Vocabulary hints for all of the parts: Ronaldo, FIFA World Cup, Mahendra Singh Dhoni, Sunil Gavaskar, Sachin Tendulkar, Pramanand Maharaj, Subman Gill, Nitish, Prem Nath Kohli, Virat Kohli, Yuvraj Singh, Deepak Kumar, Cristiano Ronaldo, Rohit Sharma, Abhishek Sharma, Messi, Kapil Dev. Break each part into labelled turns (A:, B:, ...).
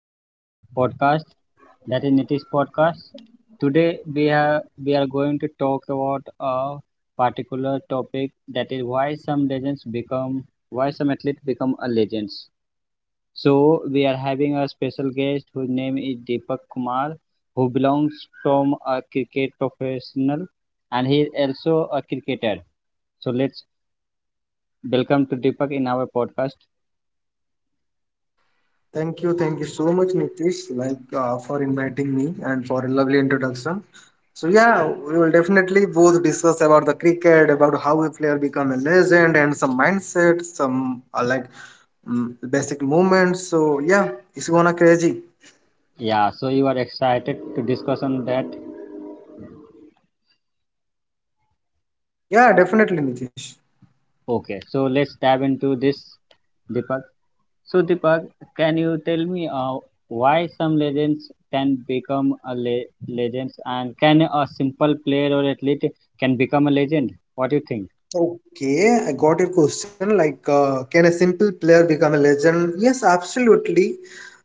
A: show podcast, that is Nitish podcast. Today we are going to talk about a particular topic, that is why some legends become, why some athletes become a legends. So we are having a special guest whose name is Deepak Kumar, who belongs from a cricket professional, and he is also a cricketer. So let's welcome to Deepak in our podcast.
B: Thank you so much, Nitish, for inviting me and for a lovely introduction. So yeah, we will definitely both discuss about the cricket, about how a player become a legend, and some mindset, some basic movements. So yeah, it's gonna crazy.
A: Yeah, so you are excited to discuss on that.
B: Yeah, definitely, Nitish.
A: Okay, so let's dive into this, Deepak. So Deepak, can you tell me why some legends can become a legends, and can a simple player or athlete can become a legend? What do you think?
B: Okay, I got your question. Can a simple player become a legend? Yes, absolutely.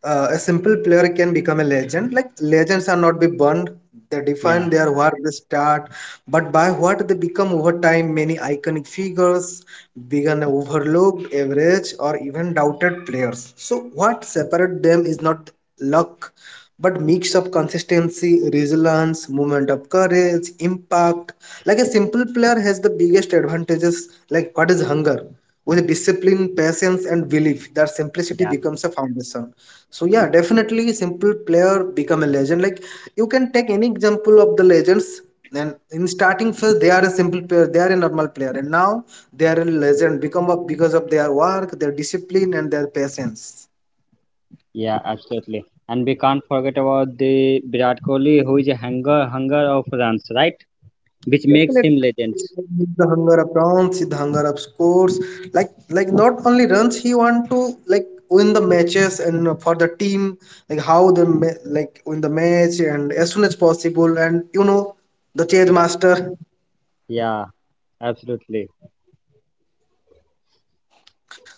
B: A simple player can become a legend. Like, legends are not be born. They
A: Yeah,
B: define their where they start, but by what they become over time. Many iconic figures began overlooked, average, or even doubted players. So, what separates them is not luck, but mix of consistency, resilience, movement of courage, impact, like a simple player has the biggest advantages, like what is hunger? With discipline, patience, and belief, that simplicity
A: yeah,
B: becomes a foundation. So yeah, definitely simple player become a legend. Like you can take any example of the legends. And in starting phase, they are a simple player, they are a normal player, and now they are a legend become of because of their work, their discipline, and their patience.
A: yeah, absolutely. And we can't forget about the Virat Kohli, who is a hunger of runs, right? Which makes
B: Definitely,
A: him legends.
B: the hunger of runs, the hunger of scores. Like not only runs, he want to like win the matches and for the team, like how the like win the match and as soon as possible. And you know the chase
A: Yeah,
B: master.
A: yeah, absolutely.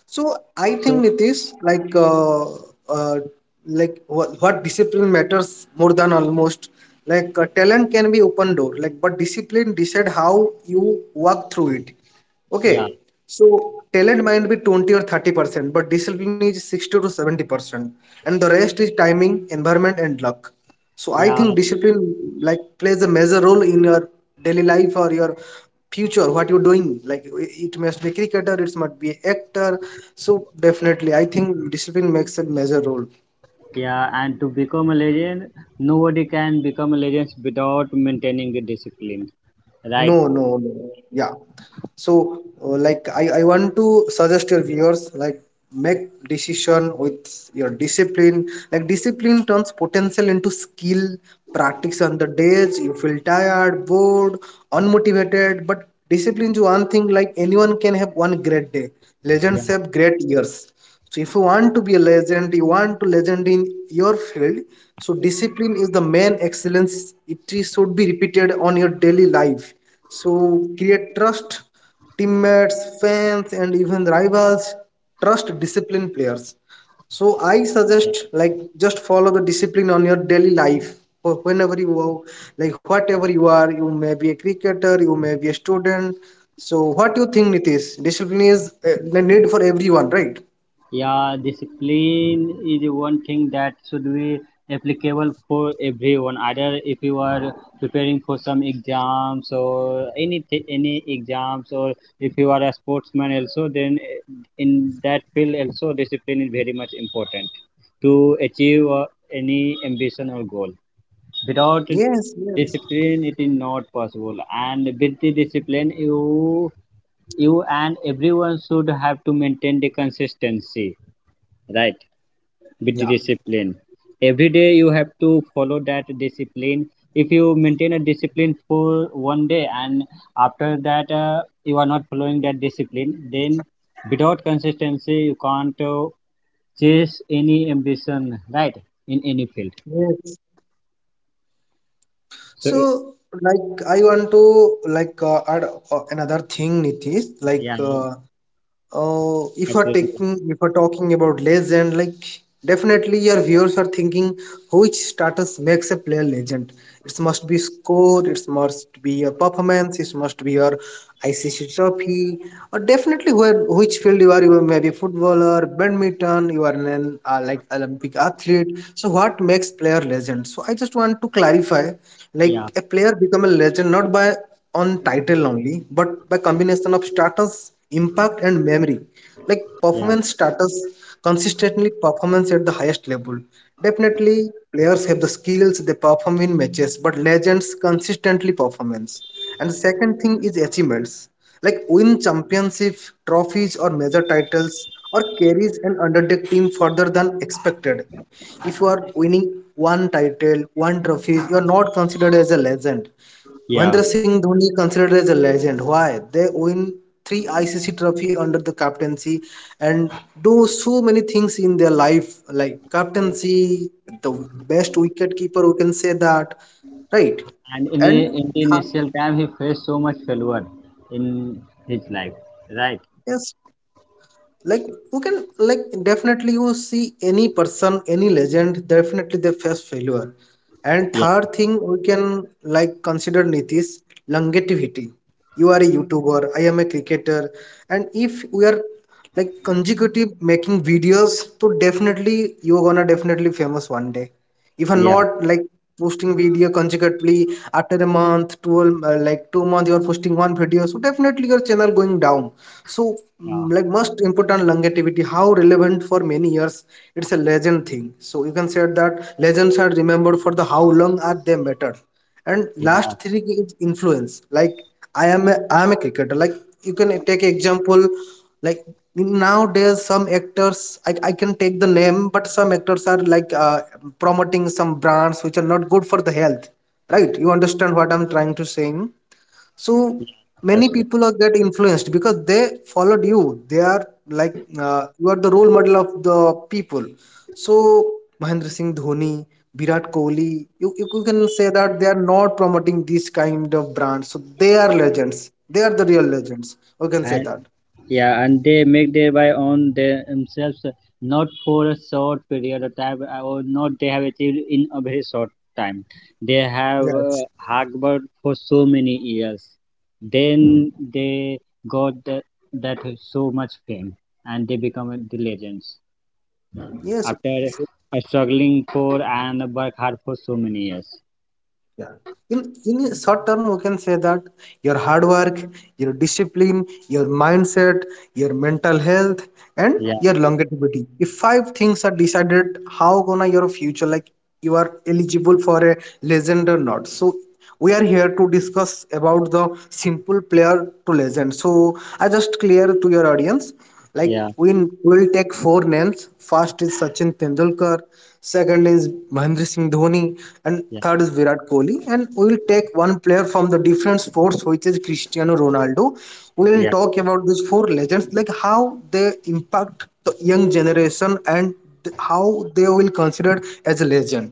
B: So I
A: So
B: think Nitish, uh, like what discipline matters more than almost. Talent can be open door, like but discipline decide how you walk through it.
A: yeah,
B: Okay, so talent might be 20 or 30%, but discipline is 60 to 70%, and the rest is timing, environment, and luck. So I
A: yeah.
B: think discipline like plays a major role in your daily life or your future, what you're doing. Like it must be cricketer, it must be actor. So definitely, I think discipline makes a major role.
A: Yeah, and to become a legend, nobody can become a legend without maintaining the discipline. Right.
B: No, no, no. Yeah. So I want to suggest your viewers like make decision with your discipline, like discipline turns potential into skill, practice on the days you feel tired, bored, unmotivated, but discipline is one thing. Like anyone can have one great day,
A: Yeah.
B: legends have great years. So if you want to be a legend, you want to legend in your field, so discipline is the main excellence. It should be repeated on your daily life, so create trust, teammates, fans, and even rivals. Trust disciplined players. So I suggest
A: Yeah.
B: like just follow the discipline on your daily life. Or whenever you are, like whatever you are, you may be a cricketer, you may be a student. So what do you think, Nitish? Discipline is the need for everyone, right?
A: Yeah. Discipline is one thing that should be applicable for everyone. Either if you are preparing for some exams or any exams, or if you are a sportsman also, then in that field also discipline is very much important to achieve any ambition or goal. Without
B: Yes, yes.
A: discipline it is not possible, and with the discipline you, you and everyone should have to maintain the consistency, right? With the
B: Yeah.
A: discipline, every day you have to follow that discipline. If you maintain a discipline for one day and after that you are not following that discipline, then without consistency you can't chase any ambition, right, in any field.
B: Yes.
A: So
B: So like I want to add another thing, Nitish.
A: yeah, absolutely.
B: If we're talking about legend, like definitely your viewers are thinking which status makes a player legend. It must be score, it must be your performance, it must be your ICC trophy, or definitely where which field you are. You are maybe footballer, badminton. You are an like Olympic athlete. So what makes player legend? So I just want to clarify,
A: Yeah.
B: like a player become a legend not by on title only, but by combination of status, impact, and memory. Like
A: Yeah,
B: performance status, consistently performance at the highest level. Definitely, players have the skills they perform in matches, but legends consistently performance. And the second thing is achievements, like win championship, trophies, or major titles, or carries an underdog team further than expected. If you are winning one title, one trophy, you are not considered as a legend.
A: yeah.
B: Mahendra Singh Dhoni considered as a legend. Why? They win three ICC trophy under the captaincy and do so many things in their life, like captaincy, the best wicket keeper, we can say that, right?
A: And in, the-
B: And
A: in the
B: th-
A: initial time, he faced so much failure in his life, right?
B: yes, like you can like definitely you see any person, any legend, definitely they face failure. And
A: Yeah,
B: third thing we can like consider, Nitish, longevity. You are a YouTuber, I am a cricketer, and if we are like consecutive making videos, so definitely you're gonna definitely famous one day. If you're
A: yeah,
B: not like posting video consecutively after a month, 12 uh, like 2 months you are posting one video, so definitely your channel going down. So
A: yeah,
B: like most important longevity, how relevant for many years. It's a legend thing, so you can say that legends are remembered for the how long are they matter. And
A: yeah,
B: last three is influence. Like I am a cricketer. Like you can take example, like nowadays some actors, I can take the name, but some actors are promoting some brands which are not good for the health, right? You understand what I'm trying to saying. So many
A: absolutely.
B: people are get influenced because they followed you. They are you are the role model of the people. So Mahendra Singh Dhoni, Virat Kohli, you can say that they are not promoting this kind of brands, so they are legends. They are the real legends, you can say
A: And
B: that.
A: yeah, and they make their by own themselves not for a short period of time or not they have achieved in a very short time. They have
B: Yes.
A: hard worked for so many years. Then they got the, that so much fame, and they become the legends
B: Yes.
A: after struggling for and work hard for so many years.
B: Yeah. in in short term we can say that your hard work, your discipline, your mindset, your mental health, and
A: Yeah,
B: your longevity, if five things are decided how gonna your future. Like you are eligible for a legend or not. So we are here to discuss about the simple player to legend. So I just clear to your audience, like
A: yeah,
B: we will take four names. First is Sachin Tendulkar, second is Mahendra Singh Dhoni, and
A: yeah,
B: third is Virat Kohli. And we will take one player from the different sports, which is Cristiano Ronaldo. We will
A: yeah.
B: talk about these four legends, like how they impact the young generation and how they will considered as a legend.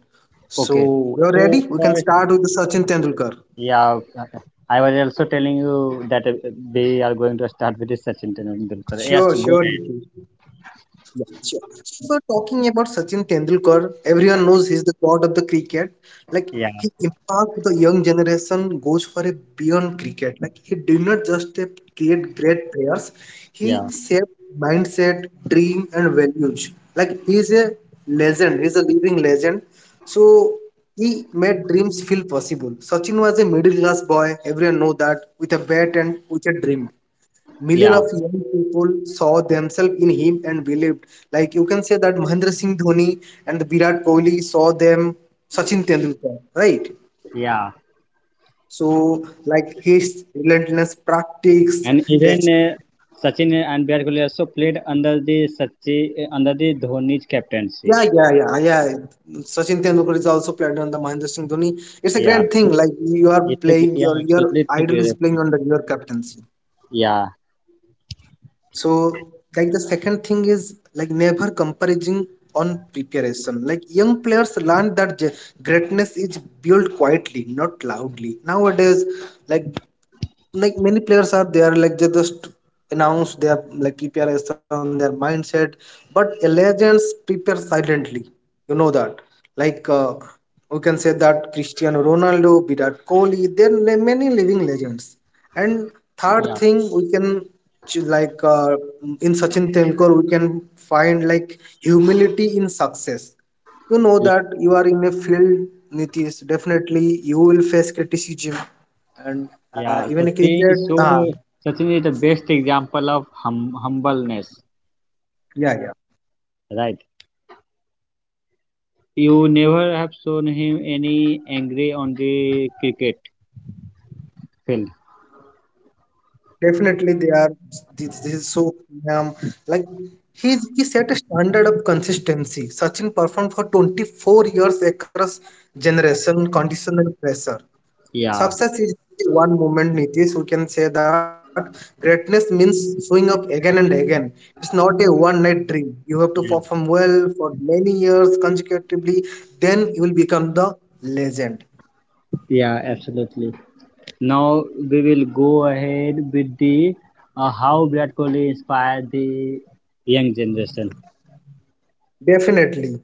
A: Okay.
B: So, you're
A: So
B: ready? We can
A: first,
B: start with the Sachin Tendulkar.
A: yeah, I was also telling you that we are going to start with Sachin Tendulkar. Yes,
B: Sure, sure. Nitin. Yeah, sure. So if we're talking about Sachin Tendulkar, everyone knows he's the god of the cricket. Like
A: yeah,
B: his impact with the young generation goes for a beyond cricket. Like he did not just create great players, he
A: yeah,
B: shaped mindset, dream, and values. Like he's a legend. He's a living legend. So he made dreams feel possible. Sachin was a middle class boy. Everyone know that, with a bat and with a dream.
A: yeah,
B: Millions of young people saw themselves in him and believed. Like you can say that Mahendra Singh Dhoni and Virat Kohli saw them Sachin Tendulkar, right?
A: yeah.
B: So like his relentless
A: And
B: practice,
A: even
B: reaction.
A: Sachin and Virat Kohli also played under the Sachin under the Dhoni's captaincy.
B: Yeah, yeah, yeah, yeah. Sachin Tendulkar is also played on the Mahendra Singh Dhoni. It's a
A: Yeah,
B: great thing. Like you are
A: it's a,
B: playing
A: yeah,
B: your
A: absolutely. It's a
B: idol is
A: great,
B: playing under your captaincy.
A: yeah,
B: So, like the second thing is like never comparing on preparation. Like young players learn that greatness is built quietly, not loudly. Nowadays, like like many players are there, like they just announce their like preparation, their mindset, but legends prepare silently. You know that, like uh, we can say that Cristiano Ronaldo, Virat Kohli, there are many living legends. And third
A: yeah.
B: thing we can ch- like uh, in Sachin Tendulkar we can find like humility in success. You know that you are in a field, Nitish, definitely you will face criticism. And
A: Yeah,
B: even a
A: Sachin,
B: cricket
A: so Sachin is the best example of humbleness,
B: yeah, yeah,
A: right? You never have shown him any angry on the cricket field.
B: definitely they are, this is so um, like he's, he set a standard of consistency. Sachin performed for 24 years across generation, condition, and pressure.
A: Yeah.
B: Success is one moment, Nitish, we can say that greatness means showing up again and again. It's not a one night dream. You have to perform well for many years consecutively, then you will become the legend.
A: Yeah, absolutely. Now we will go ahead with the how Virat Kohli inspired the young generation.
B: Definitely.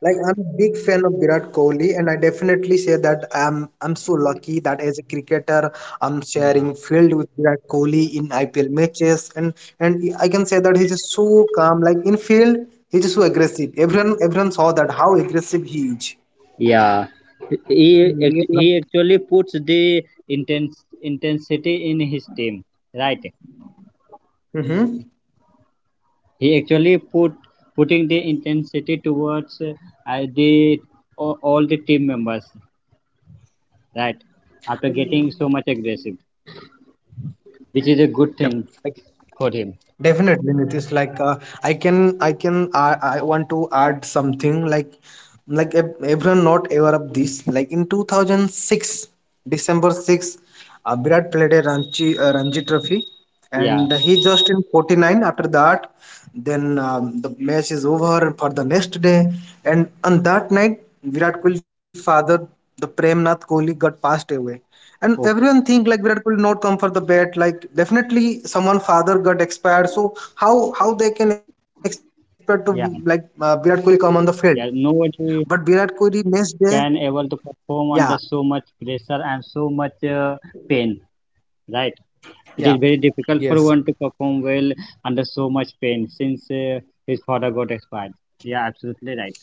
B: Like I'm a big fan of Virat Kohli, and I definitely say that I'm so lucky that as a cricketer I'm sharing field with Virat Kohli in IPL matches, and I can say that he's just so calm. Like in field, he's just so aggressive. Everyone saw that how aggressive he is
A: Yeah,
B: in real life.
A: he actually puts the intense intensity in his team, right?
B: Mm-hmm.
A: He actually putting the intensity towards the all the team members, right, after getting so much aggressive, which is a good
B: Yep.
A: thing for him.
B: Definitely, Nitish. I want to add something. Like everyone not aware of this. Like in 2006, December 6, December 6th, Virat played a Ranchi Ranji Trophy,
A: Yeah.
B: and he just in 49. After that, then the match is over for the next day, and on that night, Virat Kohli's father, the Prem Nath Kohli, got passed away and
A: Oh
B: everyone think like Virat Kohli not come for the bat. Like definitely someone father got expired. So how they can expect to
A: yeah.
B: Virat Kohli come on the field?
A: Yeah,
B: But Virat
A: nobody
B: Kohli next day,
A: can able to
B: yeah,
A: perform under so much pressure and so much pain, right?
B: yeah.
A: It is very difficult for
B: Yes.
A: one to perform well under so much pain since his father got expired. Yeah, absolutely right.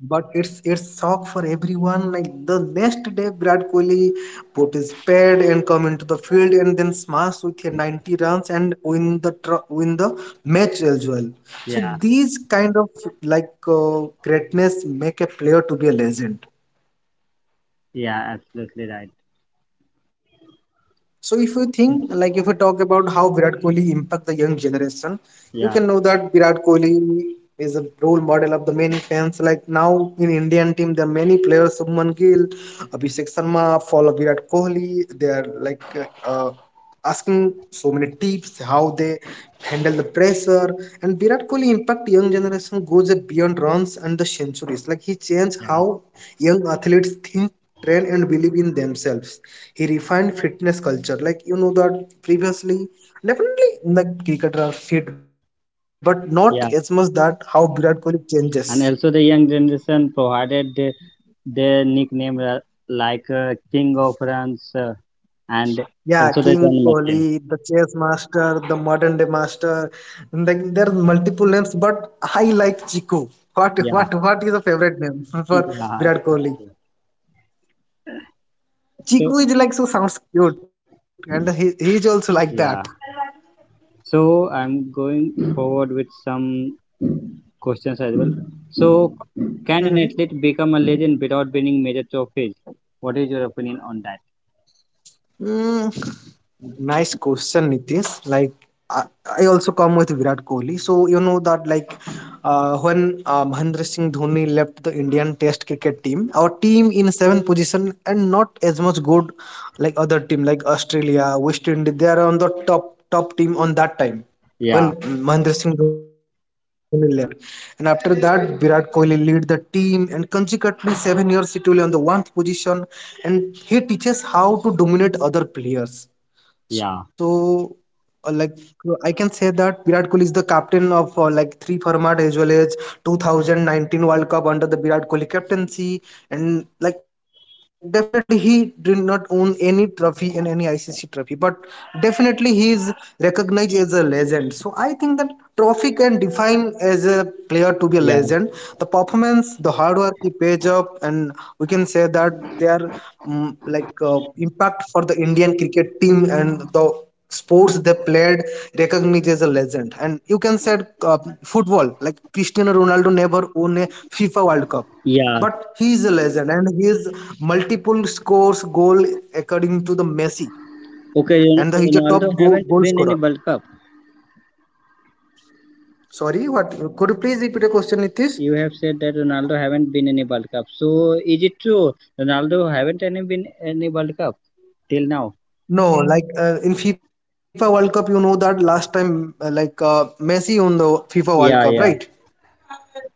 B: But it's shock for everyone. Like the next day, Virat Kohli put his pad and come into the field and then smash with a 90 runs and win the match as well. So
A: Yeah,
B: these kind of greatness make a player to be a legend.
A: yeah, absolutely right.
B: So if you think, like if you talk about how Virat Kohli impact the young generation, you
A: Yeah,
B: can know that Virat Kohli is a role model of the many fans. Like now in Indian team, there are many players, Subman Gill, Abhishek Sharma, follow Virat Kohli. They are like uh, asking so many tips how they handle the pressure, and Virat Kohli impact young generation goes beyond runs and the centuries. Like
A: yeah,
B: he changed how young athletes think, train, and believe in themselves. He refined fitness culture, like you know that previously, definitely the cricketers are fit but not
A: yeah,
B: as much that how Virat Kohli changes.
A: and also the young generation provided their nickname like King of Runs and
B: Yeah,
A: also the
B: King
A: run machine.
B: Kohli, the chess master, the modern day master. And then there are multiple names, but I like Chiku. What
A: Yeah,
B: what what is your favorite name
A: yeah,
B: for Virat Kohli?
A: exactly. So,
B: Chiku is like so sounds cute, and he is also like that.
A: yeah. So I'm going forward with some questions as well. So, can an athlete become a legend without winning major trophies? What is your opinion on that?
B: Mm, nice question, Nitish. Like, I, I also come with Virat Kohli. So, you know that, like, when Mahendra Singh Dhoni left the Indian Test cricket team, our team in seventh position and not as much good like other team like Australia, West Indies, they are on the top team on that time when
A: Yeah,
B: Mahendra Singh Dhoni left. And after that, Virat Kohli lead the team, and consequently, 7 years it will on the one position, and he teaches how to dominate other players.
A: yeah,
B: So uh, like I can say that Virat Kohli is the captain of like three format as well as 2019 World Cup under the Virat Kohli captaincy, and like definitely he did not own any trophy in any ICC trophy, but definitely he is recognized as a legend. So I think that trophy can define as a player to be a
A: yeah,
B: legend, the performance, the hard work he pays up, and we can say that their impact for the Indian cricket team and the sports they played recognized as a legend. And you can say, uh, football, like Cristiano Ronaldo never won a FIFA World Cup,
A: yeah.
B: but he is a legend, and he is multiple scores goal according to the Messi.
A: Okay,
B: And he is a
A: Ronaldo
B: top
A: haven't win
B: goal
A: any World
B: scorer.
A: Cup.
B: Sorry, what, could you please repeat your question,
A: You have
B: Nitish?
A: said that Ronaldo haven't been in a World Cup. So is it true? Ronaldo haven't any been in a World Cup till now.
B: No, like in FIFA World Cup, you know that last time, Messi won the FIFA World
A: Yeah,
B: Cup,
A: yeah.
B: right?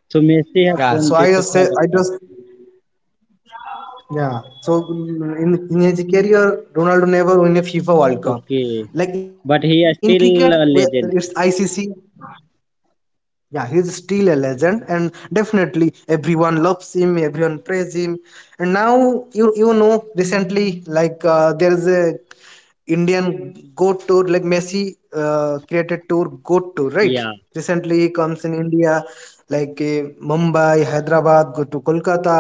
A: So Messi have
B: Yeah, so
A: won
B: i
A: the
B: just
A: FIFA
B: say
A: World
B: i
A: Cup.
B: just Yeah. So in his career, Ronaldo never won a FIFA World Cup.
A: Okay,
B: Like in
A: but
B: cricket,
A: he is
B: we-
A: still
B: it's
A: a legend.
B: ICC. Yeah, he's still a legend, and definitely everyone loves him. Everyone praise him. And now you know recently, like there is a Indian Goat Tour, like Messi created tour Goat Tour, right?
A: Yeah,
B: Recently he comes in India, like Mumbai, Hyderabad, go to Kolkata,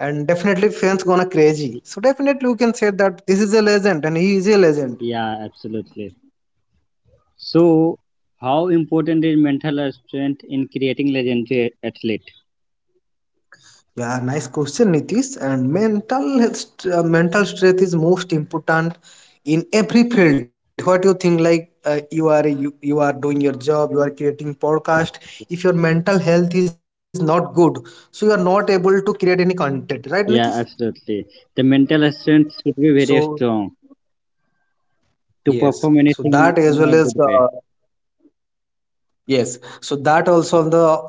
B: and definitely fans gonna crazy. So definitely we can say that this is a legend, and he is a legend.
A: yeah, absolutely. So how important is mental strength in creating legendary athlete?
B: Yeah, nice question, Nitish. And mental health, mental strength is most important in every field. What do you think? Like you are doing your job, you are creating podcast. If your mental health is not good, so you are not able to create any content, right, Nitish?
A: Yeah, absolutely. The mental strength should be very
B: So
A: strong to
B: yes,
A: perform
B: so
A: anything
B: that as
A: in a
B: well as
A: good way.
B: Yes, so that also on the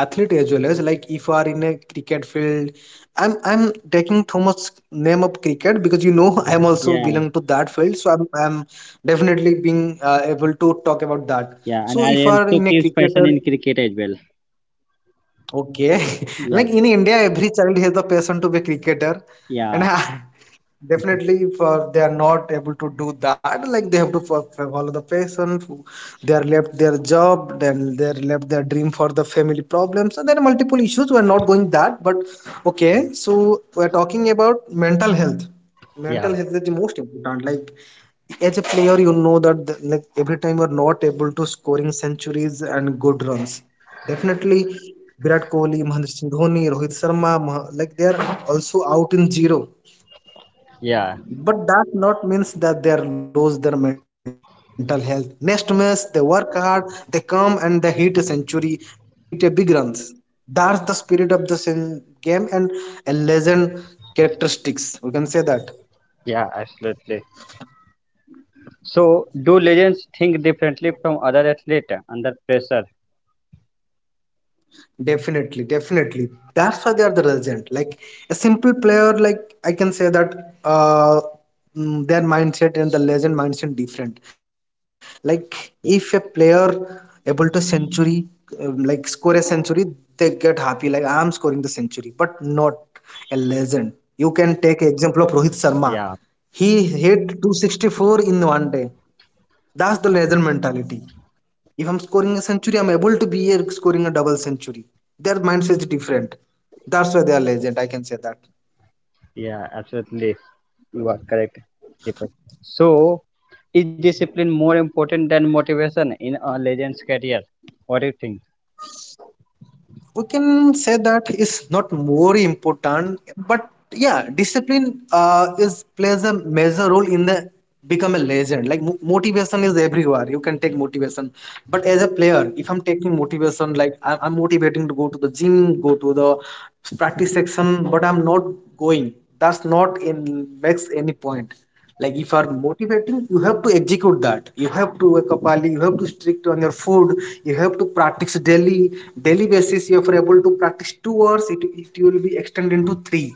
B: athlete as well as like if you are in a cricket field. I'm taking too much name of cricket because you know I'm also
A: Yeah,
B: belong to that field, so I'm definitely being able to talk about that.
A: yeah, and
B: So
A: I
B: if you are
A: also
B: in a
A: keeps passion
B: cricketer.
A: in cricket as well.
B: Okay.
A: Yeah.
B: Like in India, every child has the passion to be a cricketer, and
A: Yeah,
B: definitely if they are not able to do that, like they have to follow the passion. They are left their job, then they are left their dream for the family problems, and there are multiple issues. We are not going that, but
A: yeah,
B: okay. So we are talking about mental health. Mental
A: yeah,
B: health is the most important. Like as a player, you know that like every time you're not able to scoring centuries and good runs, definitely Virat Kohli, Mahendra Singh Dhoni, Rohit Sharma, like they are also out in zero.
A: yeah,
B: But that not means that they are lose their mental health. Next match they work hard, they come and they hit a century and hit a big runs. That's the spirit of the game and a legend characteristics, we can say that.
A: yeah, absolutely. So, do legends think differently from other athletes under pressure?
B: Definitely, definitely. That's why they are the resident. Like a simple player, like I can say that uh, their mindset and the legend mindset different. Like if a
A: Yeah,
B: player able to century, like score a century, they get happy. Like I am scoring the century, but not a legend. You can take example of Rohit Sharma.
A: yeah,
B: He hit 264 in one day. That's the legend mentality. If I'm scoring a century, I'm able to be here scoring a double century. Their mindset is different. That's why they are legend. I can say that.
A: yeah, absolutely. You are correct, Deepak. So, is discipline more important than motivation in a legend's career? What do you think?
B: We can say that is not more important, but yeah, discipline is plays a major role in the become a legend. Like motivation is everywhere. You can take motivation, but as a player, if I'm taking motivation, like I'm motivating to go to the gym, go to the practice section, but I'm not going, that's not in makes any point. Like if you're motivating, you have to execute that. You have to wake up early, you have to strict on your food, you have to practice daily basis. If you're able to practice 2 hours, it will be extended into three.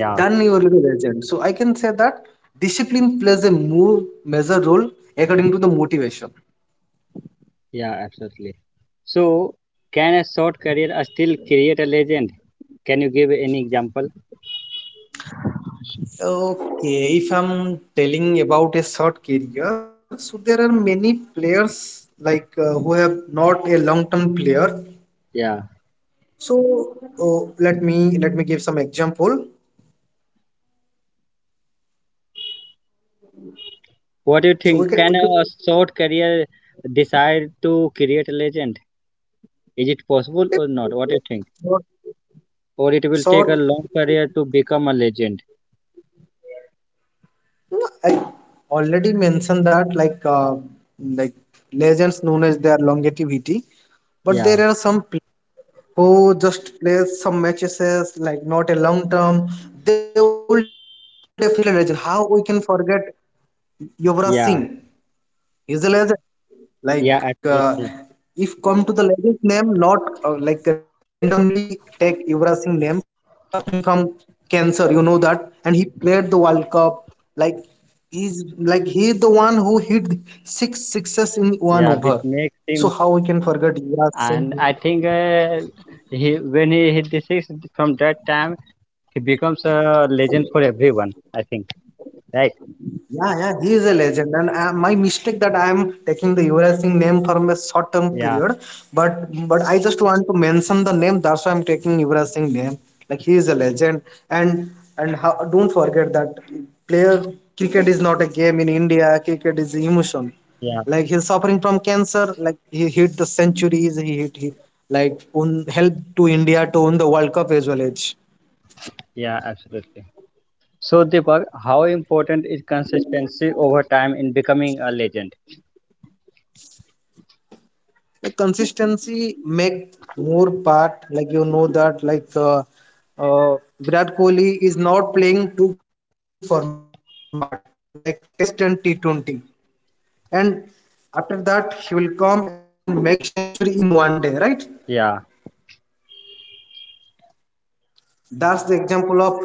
B: Then you will be legend. So I can say that discipline plays a more major role according to the motivation.
A: yeah, absolutely. So, can a short career still create a legend? Can you give any example?
B: Okay, if I'm telling about a short career, so there are many players like who have not a long-term player.
A: Yeah.
B: So let me give some example.
A: What do you
B: So
A: think?
B: we
A: Can
B: can
A: a short career decide to create a legend? Is it possible or not? What do you think? Or it will take a
B: short.
A: long career to become a legend.
B: No, I already mentioned that like like legends known as their longevity, but
A: Yeah,
B: there are some players who just plays some matches like not a long term. They will definitely legend. How we can forget? Yuvraj
A: yeah,
B: Singh. He's a legend.
A: yeah,
B: Like
A: absolutely.
B: if come to the legend name, not like randomly take Yuvraj Singh name. He's suffering from cancer, you know that, and he played the World Cup. Like he's the one who hit six sixes in one
A: Yeah,
B: over.
A: which makes
B: So
A: him,
B: how we can forget Yuvraj Singh?
A: and I think he when he hit the six, from that time, he becomes a legend for everyone. I think, right?
B: Yeah, yeah, he is a legend. And my mistake that I am taking the Yuvraj Singh name from a short term period,
A: Yeah,
B: but I just want to mention the name. That's why I'm taking Yuvraj Singh name. Like he is a legend, and and how, don't forget that player, cricket is not a game in India. Cricket is emotion.
A: yeah,
B: Like he's suffering from cancer. Like he hit the centuries. He hit, he like own helped to India to win the World Cup as well. Age.
A: yeah, absolutely. So, Deepak, how important is consistency over time in becoming a legend?
B: Like consistency make more part, like you know that like Virat Kohli is not playing two format like Test and T20, and after that he will come and make century in one day, right?
A: Yeah.
B: That's the example of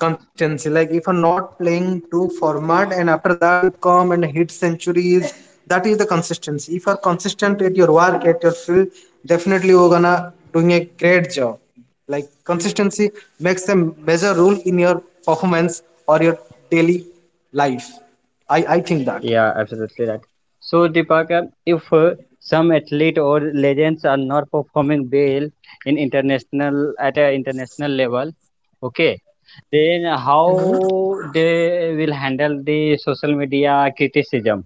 B: consistency. Like if you're not playing two format and after that you come and hit centuries, that is the consistency. If you're consistent at your work, at your field, definitely you're gonna doing a great job. Like consistency makes a major role in your performance or your daily life. I think that.
A: Yeah, absolutely right. So, Deepika, if some athlete or legends are not performing well in international at an international level, okay, then how they will handle the social media criticism?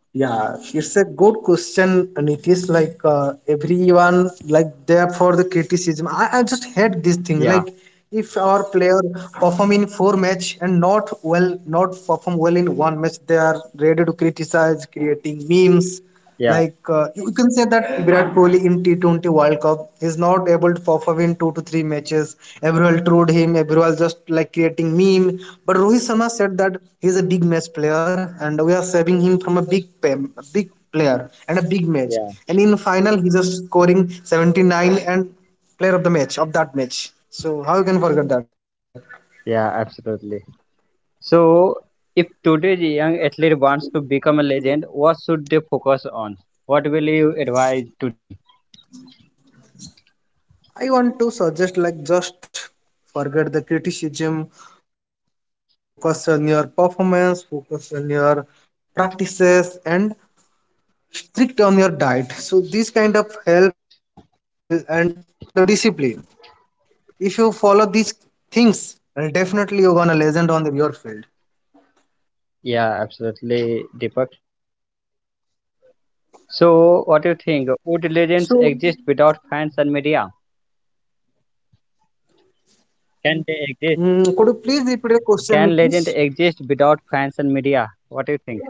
B: Yeah, it's a good question, Nitish. Like everyone, like there for the criticism. I just hate this thing.
A: Yeah,
B: Like if our player perform in four match and not well, not perform well in one match, they are ready to criticize, creating memes,
A: yeah,
B: like you can say that Virat Kohli in T20 World Cup is not able to perform in two to three matches. Everyone trolled him. Everyone just like creating meme. But Rohit Sharma said that he is a big match player, and we are saving him from a big player and a big match.
A: yeah,
B: And in final he just scoring 79 and player of the match of that match. So how you can forget that?
A: yeah, absolutely. So, if today's young athlete wants to become a legend, what should they focus on? What will you advise to them?
B: I want to suggest like just forget the criticism, focus on your performance, focus on your practices, and strict on your diet. So this kind of help will and the discipline. If you follow these things, then definitely you're gonna legend on your field.
A: Yeah, absolutely, Deepak. So, what do you think? Would legends
B: So
A: exist without fans and media? Can they exist?
B: could you please repeat the question,
A: Can
B: please?
A: legend exist without fans and media? What do you think?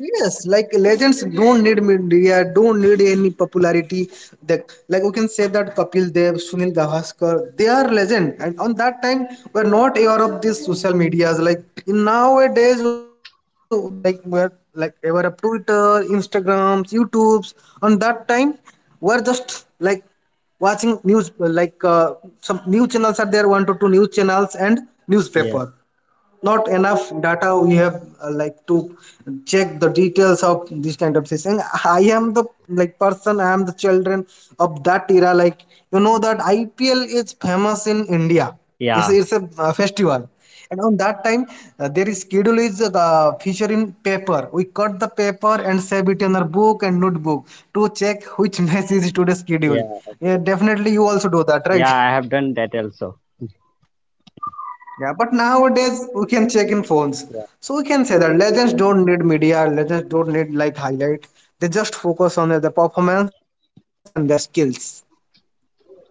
B: Yes, like legends don't need media, don't need any popularity. They, like we can say that Kapil Dev, Sunil Gavaskar, they are legend. And on that time, we're not aware of these social medias. Like in nowadays, like we're like aware of Twitter, Instagrams, YouTubes. On that time, we're just like watching news, like some news channels are there, 1 to 2 news channels and
A: Yes.
B: newspaper, not enough data we have like to check the details of this kind of thing. I am the like person, I am the children of that era, like you know that IPL is famous in India. it's,
A: Yeah.
B: a- it's a uh, festival. And on that time, there is schedule is feature in paper. We cut the paper and save it in our book and notebook to check which match is today's
A: Yeah.
B: schedule. Yeah,
A: Absolutely.
B: definitely, you also do that,
A: Yeah.
B: right?
A: I have done that also.
B: Yeah, but nowadays we can check in phones.
A: Yeah.
B: So we can say that legends don't need media, legends don't need like highlight. They just focus on the performance and their skills.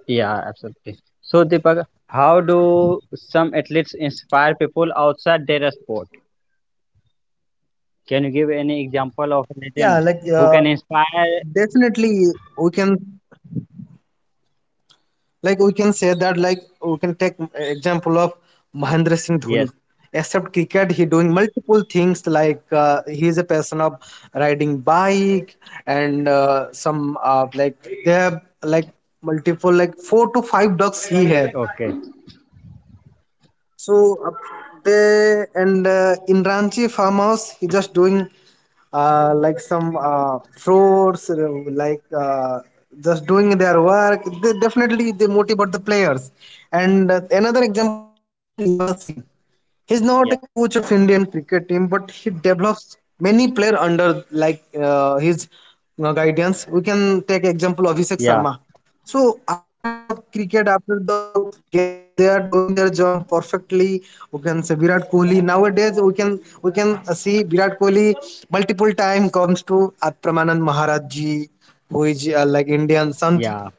A: Yeah. Absolutely. So, Deepak, how do some athletes inspire people outside their sport? Can you give any example of a
B: Yeah,
A: legend
B: like
A: who can inspire?
B: definitely we can, like we can say that, like we can take example of Mahendra Singh
A: Yes.
B: Dhoni. Except cricket, he doing multiple things, like he is a person of riding bike, and some like they have like multiple, like 4 to 5 ducks he have.
A: Okay.
B: So up there, and in Ranchi farmhouse, he just doing like some fruits, like just doing their work. They definitely they motivate the players. And another example, Yuvraj Singh. He's not a
A: Yeah.
B: coach of Indian cricket team, but he develops many player under like his guidance. We can take example of Abhishek
A: Yeah.
B: Sharma. So after the cricket, after the game, they are doing their job perfectly. We can say Virat Kohli. Nowadays, we can see Virat Kohli multiple time comes to Pramanand Maharaj ji, who is like Indian Sant.
A: Yeah.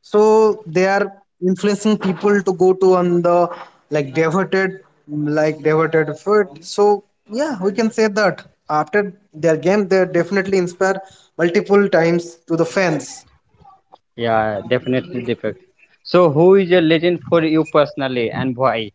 B: So they are influencing people to go to on the like devoted like devoted foot. So yeah, we can say that after their game, they definitely inspire multiple times to the fans.
A: Yeah, definitely Deepak. So, who is a legend for you personally and why?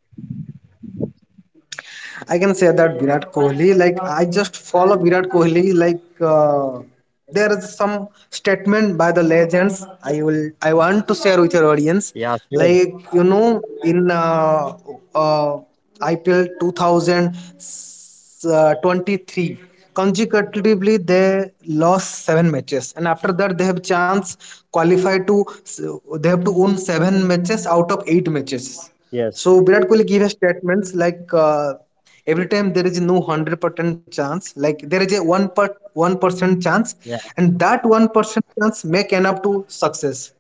B: I can say that Virat Kohli, like I just follow Virat Kohli. Like there is some statement by the legends. I want to share with your audience.
A: Yeah, sure.
B: Like you know, in uh, IPL 2023, consecutively they lost 7 matches, and after that they have chance qualify to. They have to win 7 matches out of 8 matches.
A: Yes.
B: So Virat Kohli gave a statements, like every time there is no 100% chance, like there is a 1% chance,
A: Yeah,
B: and that 1% chance make enough to success.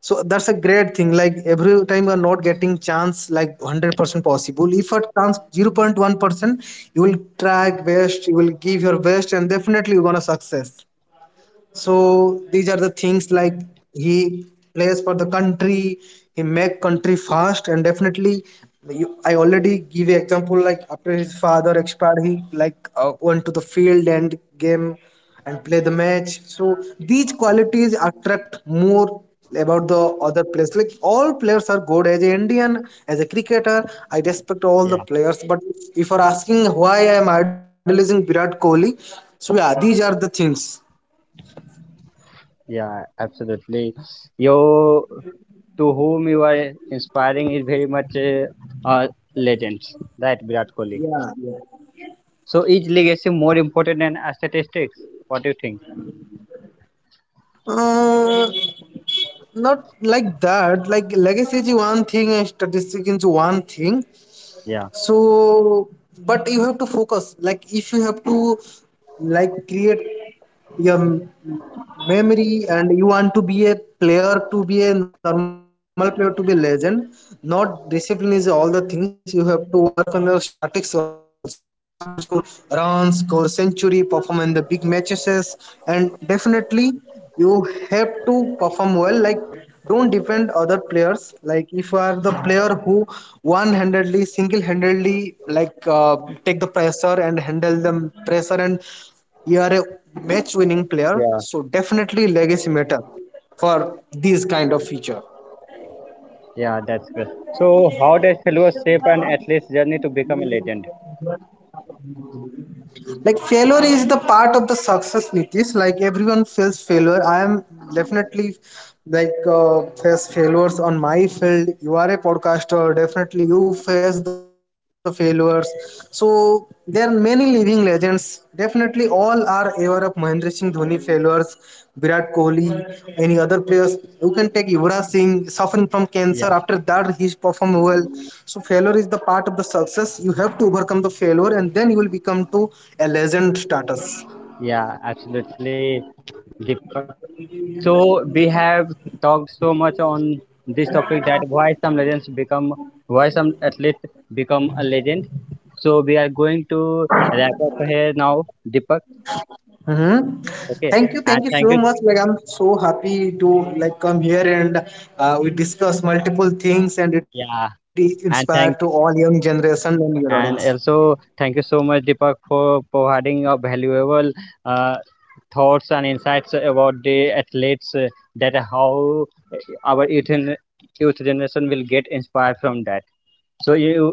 B: So that's a great thing. Like every time you are not getting chance, like 100% possible. If a chance 0.1%, you will try best, you will give your best, and definitely you're gonna success. So these are the things, like he plays for the country, he make country fast, and definitely, you, I already give you example, like after his father expired, he like went to the field and game and play the match. So these qualities attract more about the other players. Like all players are good as an Indian, as a cricketer. I respect all
A: yeah,
B: the players, but if you're asking why I am idolizing Virat Kohli, so yeah, these are the things.
A: yeah, absolutely. You, to whom you are inspiring is very much a, uh, legend, right, Virat Kohli.
B: Yeah, yeah.
A: So, is legacy more important than statistics? What do you think?
B: Uh, not like that. Like legacy is one thing and statistic is one thing.
A: Yeah,
B: So, but you have to focus. Like if you have to, like create your memory, and you want to be a player, to be a normal player, to be a legend, not discipline is all the things. You have to work on the statics also, like you have to score runs, score century, perform in the big matches, and definitely you have to perform well. Like don't depend other players. Like if you are the player who one-handedly, single-handedly, like take the pressure and handle the pressure, and you are a match winning player,
A: yeah,
B: so definitely legacy matter for these kind of feature.
A: yeah, that's good. So, how does failure shape an athlete's journey to become a legend?
B: Like failure is the part of the success, Nitish. Like everyone feels failure. I am definitely like face failures on my field. You are a podcaster, definitely you face the failures. So there are many living legends. Definitely all are aware of Mahendra Singh Dhoni failures. Virat Kohli, any other players. You can take Yuvraj Singh suffering from cancer. After
A: Yeah.
B: that, he performed well. So failure is the part of the success. You have to overcome the failure, and then you will become to a legend status.
A: Yeah, absolutely, Deepak. So we have talked so much on this topic that why some legends become, why some athletes become a legend. So we are going to wrap up here now, Deepak.
B: Mhm.
A: Okay,
B: Thank
A: and
B: you
A: thank
B: so
A: you.
B: much. Like I'm so happy to like come here and we discuss multiple things, and it is
A: Yeah,
B: inspired to
A: and
B: all young
A: thank,
B: generation and your audience.
A: and also thank you so much, Deepak, for providing a valuable uh, thoughts and insights about the athletes that how our youth, youth generation will get inspired from that. So you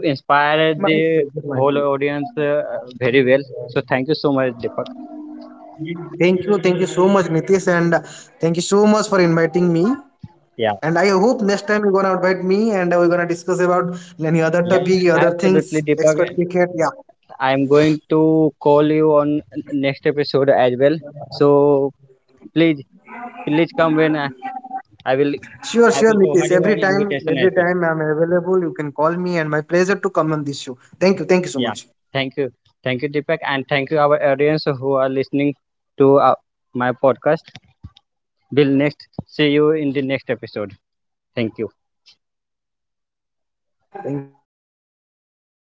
B: My
A: inspired the
B: pleasure, my pleasure.
A: whole audience very well. So thank you so much, Deepak.
B: Thank you so much, Nitish, and thank you so much for inviting me.
A: Yeah,
B: And I hope next time you're gonna invite me and we're gonna discuss about any other
A: yeah,
B: topic, other
A: absolutely,
B: things,
A: Deepak.
B: expert cricket. Yeah.
A: I'm going to call you on next episode as well. So please, please come when I will, I
B: Sure,
A: will
B: sure,
A: provide you
B: Nitish.
A: an invitation as well.
B: Every time I'm available, you can call me and my pleasure to come on this show. Thank you.
A: Yeah,
B: Thank you so much.
A: thank you, thank you, Deepak, and thank you our audience who are listening to my podcast. Will next see you in the next episode. Thank you.